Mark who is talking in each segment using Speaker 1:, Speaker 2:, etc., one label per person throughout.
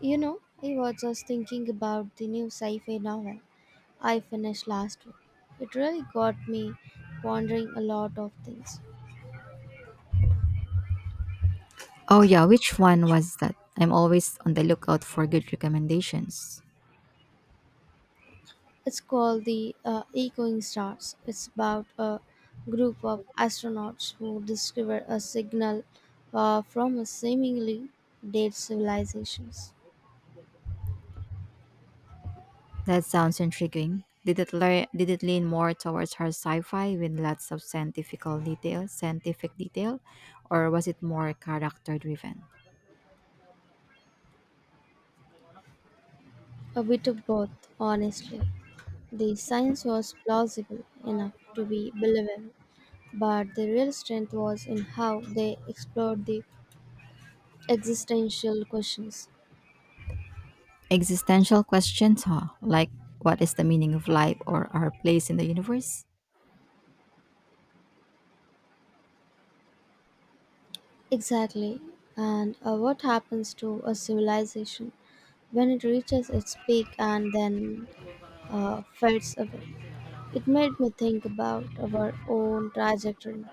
Speaker 1: You know, I was just thinking about the new sci fi novel I finished last week. It really got me pondering a lot of things.
Speaker 2: Oh yeah, which one was that? I'm always on the lookout for good recommendations.
Speaker 1: It's called the Echoing Stars. It's about a group of astronauts who discover a signal from a seemingly dead civilizations.
Speaker 2: That sounds intriguing. Did it lean more towards her sci-fi with lots of scientific detail, or was it more character driven?
Speaker 1: A bit of both, honestly. The science was plausible enough to be believable, but the real strength was in how they explored the existential questions.
Speaker 2: Existential questions, huh? Like what is the meaning of life or our place in the universe?
Speaker 1: Exactly. And what happens to a civilization when it reaches its peak and then fades away? It made me think about our own trajectory.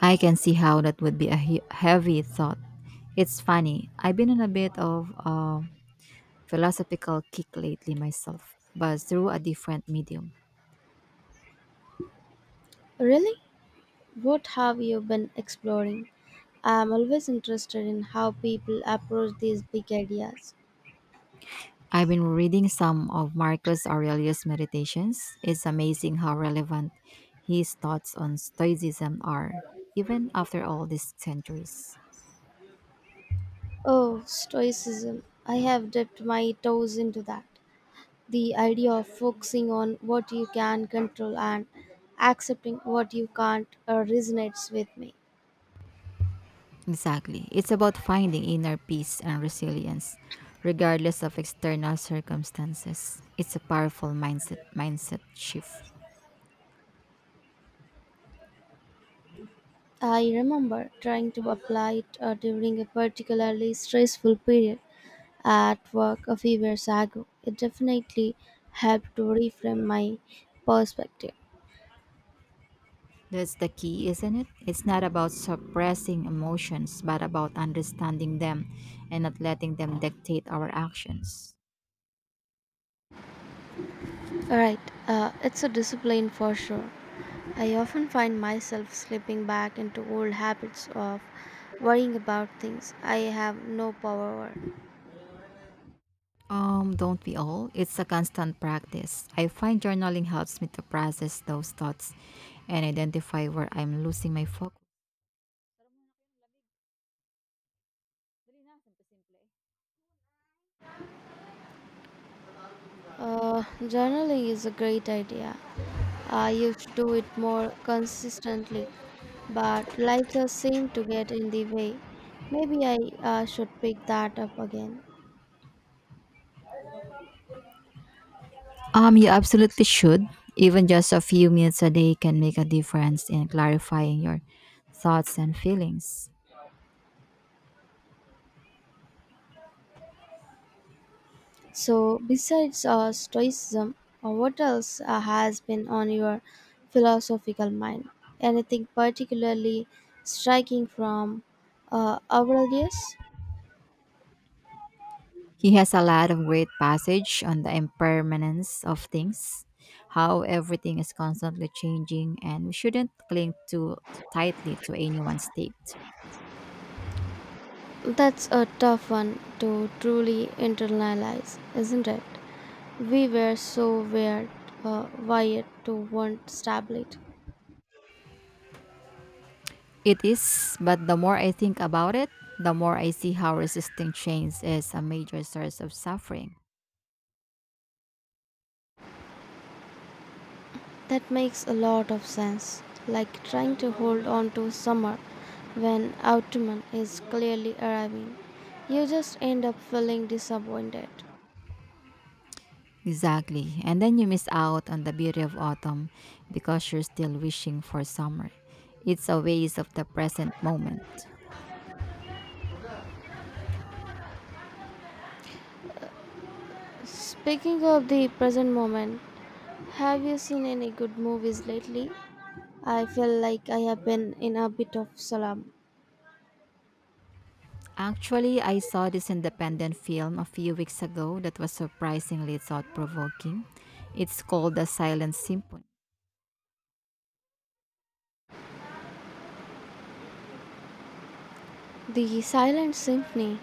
Speaker 2: I can see how that would be a heavy thought. It's funny. I've been on a bit of a philosophical kick lately myself, but through a different medium.
Speaker 1: Really? What have you been exploring? I am always interested in how people approach these big ideas.
Speaker 2: I've been reading some of Marcus Aurelius' meditations. It's amazing how relevant his thoughts on Stoicism are, even after all these centuries.
Speaker 1: Oh, Stoicism. I have dipped my toes into that. The idea of focusing on what you can control and accepting what you can't resonates with me.
Speaker 2: Exactly. It's about finding inner peace and resilience, regardless of external circumstances. It's a powerful mindset shift.
Speaker 1: I remember trying to apply it during a particularly stressful period at work a few years ago. It definitely helped to reframe my perspective.
Speaker 2: That's the key, isn't it? It's not about suppressing emotions, but about understanding them and not letting them dictate our actions.
Speaker 1: Right, it's a discipline for sure. I often find myself slipping back into old habits of worrying about things I have no power over.
Speaker 2: Don't we all? It's a constant practice. I find journaling helps me to process those thoughts and identify where I'm losing my focus.
Speaker 1: Journaling is a great idea. I used to do it more consistently, but life has seemed to get in the way. Maybe I should pick that up again.
Speaker 2: You absolutely should. Even just a few minutes a day can make a difference in clarifying your thoughts and feelings.
Speaker 1: So, besides Stoicism, what else has been on your philosophical mind? Anything particularly striking from Aurelius?
Speaker 2: He has a lot of great passage on the impermanence of things, how everything is constantly changing and we shouldn't cling too tightly to any one state.
Speaker 1: That's a tough one to truly internalize, isn't it? We were so wired to want stability.
Speaker 2: It is, but the more I think about it, the more I see how resisting change is a major source of suffering.
Speaker 1: That makes a lot of sense. Like trying to hold on to summer when autumn is clearly arriving. You just end up feeling disappointed.
Speaker 2: Exactly. And then you miss out on the beauty of autumn because you're still wishing for summer. It's a waste of the present moment.
Speaker 1: Speaking of the present moment, have you seen any good movies lately? I feel like I have been in a bit of slump.
Speaker 2: Actually, I saw this independent film a few weeks ago that was surprisingly thought provoking. It's called The Silent Symphony.
Speaker 1: The Silent Symphony.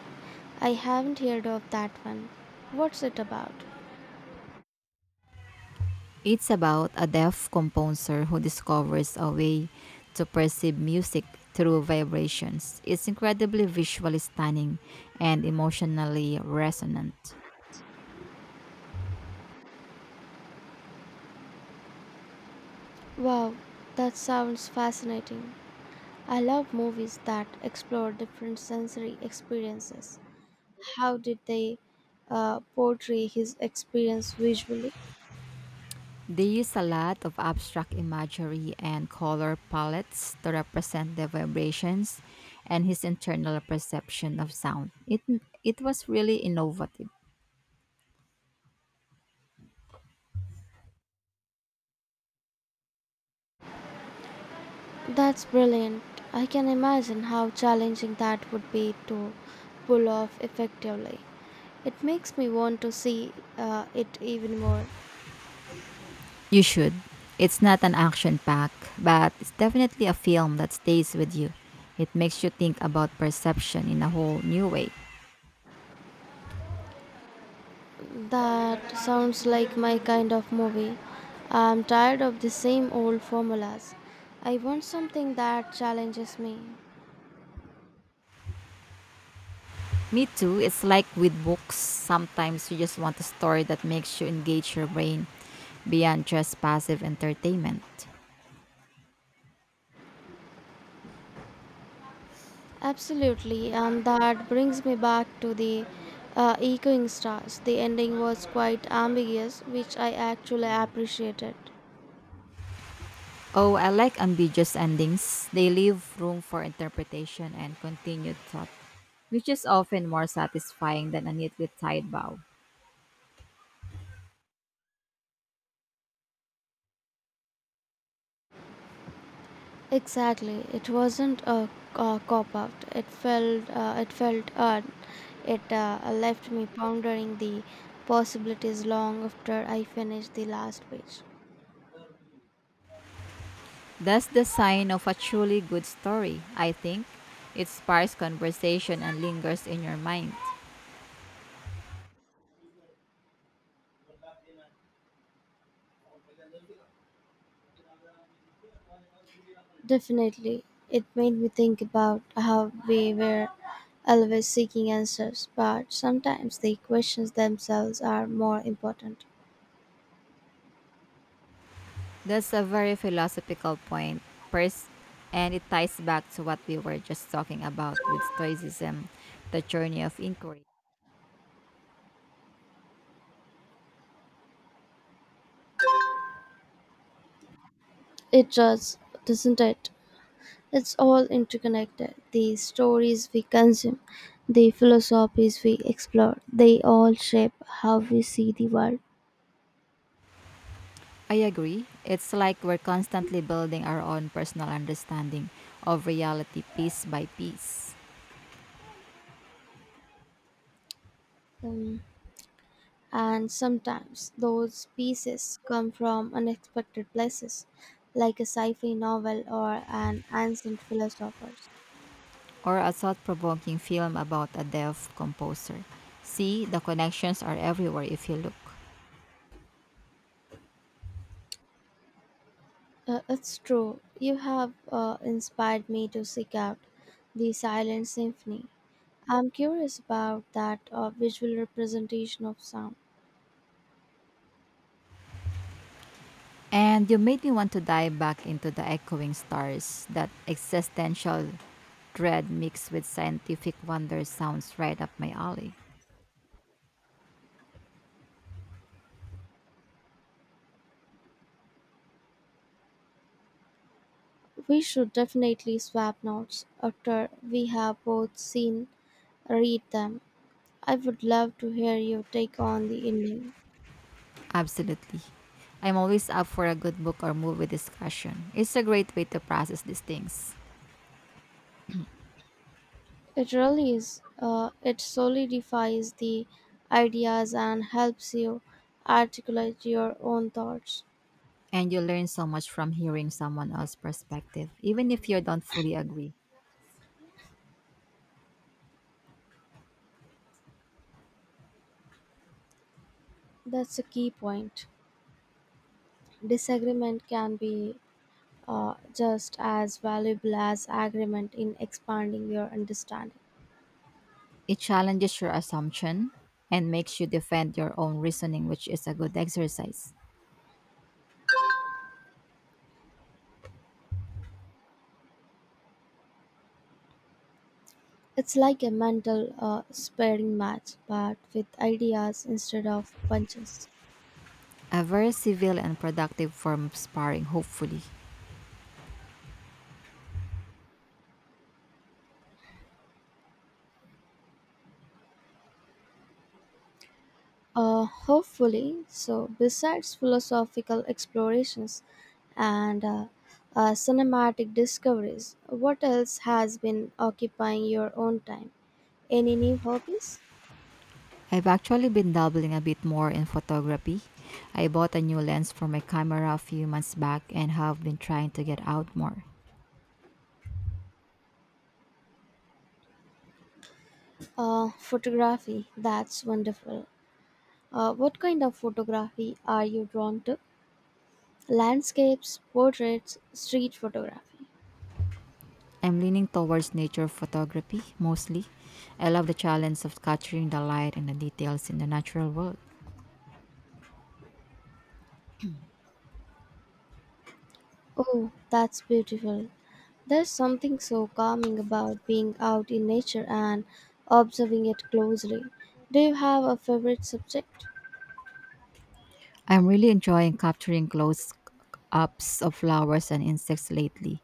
Speaker 1: I haven't heard of that one. What's it about?
Speaker 2: It's about a deaf composer who discovers a way to perceive music through vibrations. It's incredibly visually stunning and emotionally resonant.
Speaker 1: Wow, that sounds fascinating. I love movies that explore different sensory experiences. How did they portray his experience visually?
Speaker 2: They use a lot of abstract imagery and color palettes to represent the vibrations and his internal perception of sound. It was really innovative.
Speaker 1: That's brilliant. I can imagine how challenging that would be to pull off effectively. It makes me want to see it even more.
Speaker 2: You should. It's not an action pack, but it's definitely a film that stays with you. It makes you think about perception in a whole new way.
Speaker 1: That sounds like my kind of movie. I'm tired of the same old formulas. I want something that challenges me.
Speaker 2: Me too. It's like with books. Sometimes you just want a story that makes you engage your brain beyond just passive entertainment.
Speaker 1: Absolutely, and that brings me back to the Echoing Stars. The ending was quite ambiguous, which I actually appreciated.
Speaker 2: Oh, I like ambiguous endings. They leave room for interpretation and continued thought, which is often more satisfying than a neatly tied bow.
Speaker 1: Exactly, it wasn't a cop out. It felt it felt earned. It left me pondering the possibilities long after I finished the last page.
Speaker 2: That's the sign of a truly good story, I think. It sparks conversation and lingers in your mind.
Speaker 1: Definitely. It made me think about how we were always seeking answers, but sometimes the questions themselves are more important.
Speaker 2: That's a very philosophical point, Pers- and it ties back to what we were just talking about with Stoicism, the journey of inquiry.
Speaker 1: It does, doesn't it? It's all interconnected. The stories we consume, the philosophies we explore, they all shape how we see the world.
Speaker 2: I agree. It's like we're constantly building our own personal understanding of reality piece by piece.
Speaker 1: Um, and sometimes those pieces come from unexpected places, like a sci fi novel or an ancient philosopher.
Speaker 2: Or a thought provoking film about a deaf composer. See, the connections are everywhere if you look.
Speaker 1: It's true. You have inspired me to seek out the Silent Symphony. I'm curious about that visual representation of sound.
Speaker 2: And you made me want to dive back into the echoing stars. That existential dread mixed with scientific wonder sounds right up my alley.
Speaker 1: We should definitely swap notes after we have both seen read them. I would love to hear your take on the ending.
Speaker 2: Absolutely. I'm always up for a good book or movie discussion. It's a great way to process these things.
Speaker 1: It really is. It solidifies the ideas and helps you articulate your own thoughts.
Speaker 2: And you learn so much from hearing someone else's perspective, even if you don't fully agree.
Speaker 1: That's a key point. Disagreement can be just as valuable as agreement in expanding your understanding.
Speaker 2: It challenges your assumption and makes you defend your own reasoning, which is a good exercise.
Speaker 1: It's like a mental sparring match, but with ideas instead of punches.
Speaker 2: A very civil and productive form of sparring, hopefully.
Speaker 1: Hopefully, so besides philosophical explorations and cinematic discoveries, what else has been occupying your own time? Any new hobbies?
Speaker 2: I've actually been dabbling a bit more in photography. I bought a new lens for my camera a few months back and have been trying to get out more.
Speaker 1: Photography, that's wonderful. What kind of photography are you drawn to? Landscapes, portraits, street photography?
Speaker 2: I'm leaning towards nature photography mostly. I love the challenge of capturing the light and the details in the natural world.
Speaker 1: Oh, that's beautiful. There's something so calming about being out in nature and observing it closely. Do you have a favorite subject?
Speaker 2: I'm really enjoying capturing close ups of flowers and insects lately.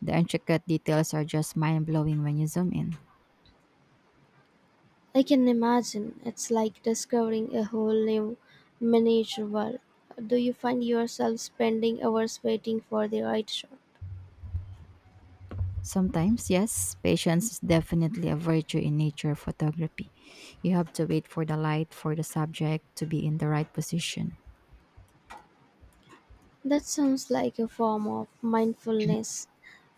Speaker 2: The intricate details are just mind blowing when you zoom in.
Speaker 1: I can imagine it's like discovering a whole new miniature world. Do you find yourself spending hours waiting for the right shot?
Speaker 2: Sometimes, yes, patience is definitely a virtue in nature photography. You have to wait for the light for the subject to be in the right position.
Speaker 1: That sounds like a form of mindfulness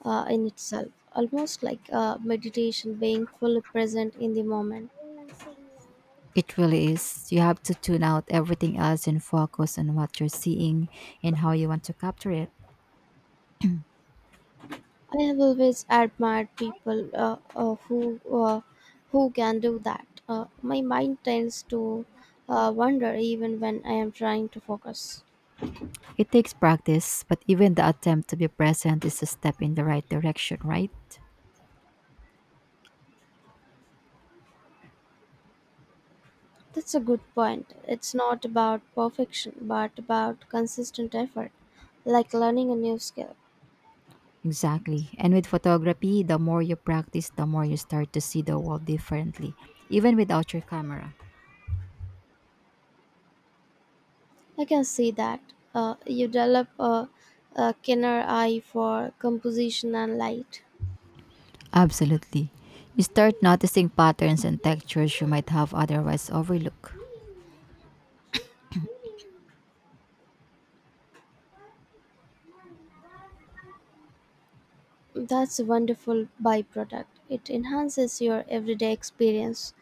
Speaker 1: in itself, almost like a meditation, being fully present in the moment.
Speaker 2: It really is. You have to tune out everything else and focus on what you're seeing and how you want to capture it.
Speaker 1: I have always admired people who can do that. My mind tends to wander even when I am trying to focus.
Speaker 2: It takes practice, but even the attempt to be present is a step in the right direction, right?
Speaker 1: That's a good point. It's not about perfection, but about consistent effort, like learning a new skill.
Speaker 2: Exactly. And with photography, the more you practice, the more you start to see the world differently, even without your camera.
Speaker 1: I can see that. You develop a keener eye for composition and light.
Speaker 2: Absolutely. You start noticing patterns and textures you might have otherwise overlooked.
Speaker 1: That's a wonderful byproduct. It enhances your everyday experience.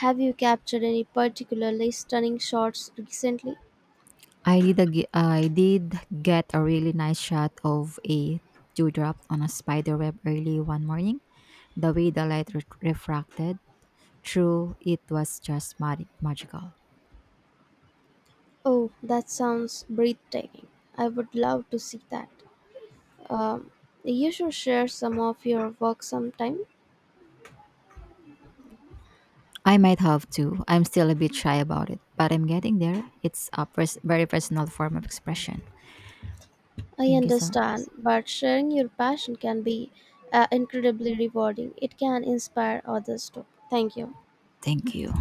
Speaker 1: Have you captured any particularly stunning shots recently?
Speaker 2: I did get a really nice shot of a dewdrop on a spider web early one morning. The way the light refracted through it was just magical.
Speaker 1: Oh, that sounds breathtaking. I would love to see that. Um, you should share some of your work sometime.
Speaker 2: I might have to. I'm still a bit shy about it, but I'm getting there. It's a very personal form of expression.
Speaker 1: I
Speaker 2: Thank you so.
Speaker 1: understand, but sharing your passion can be incredibly rewarding. It can inspire others too. Thank you.
Speaker 2: Thank you.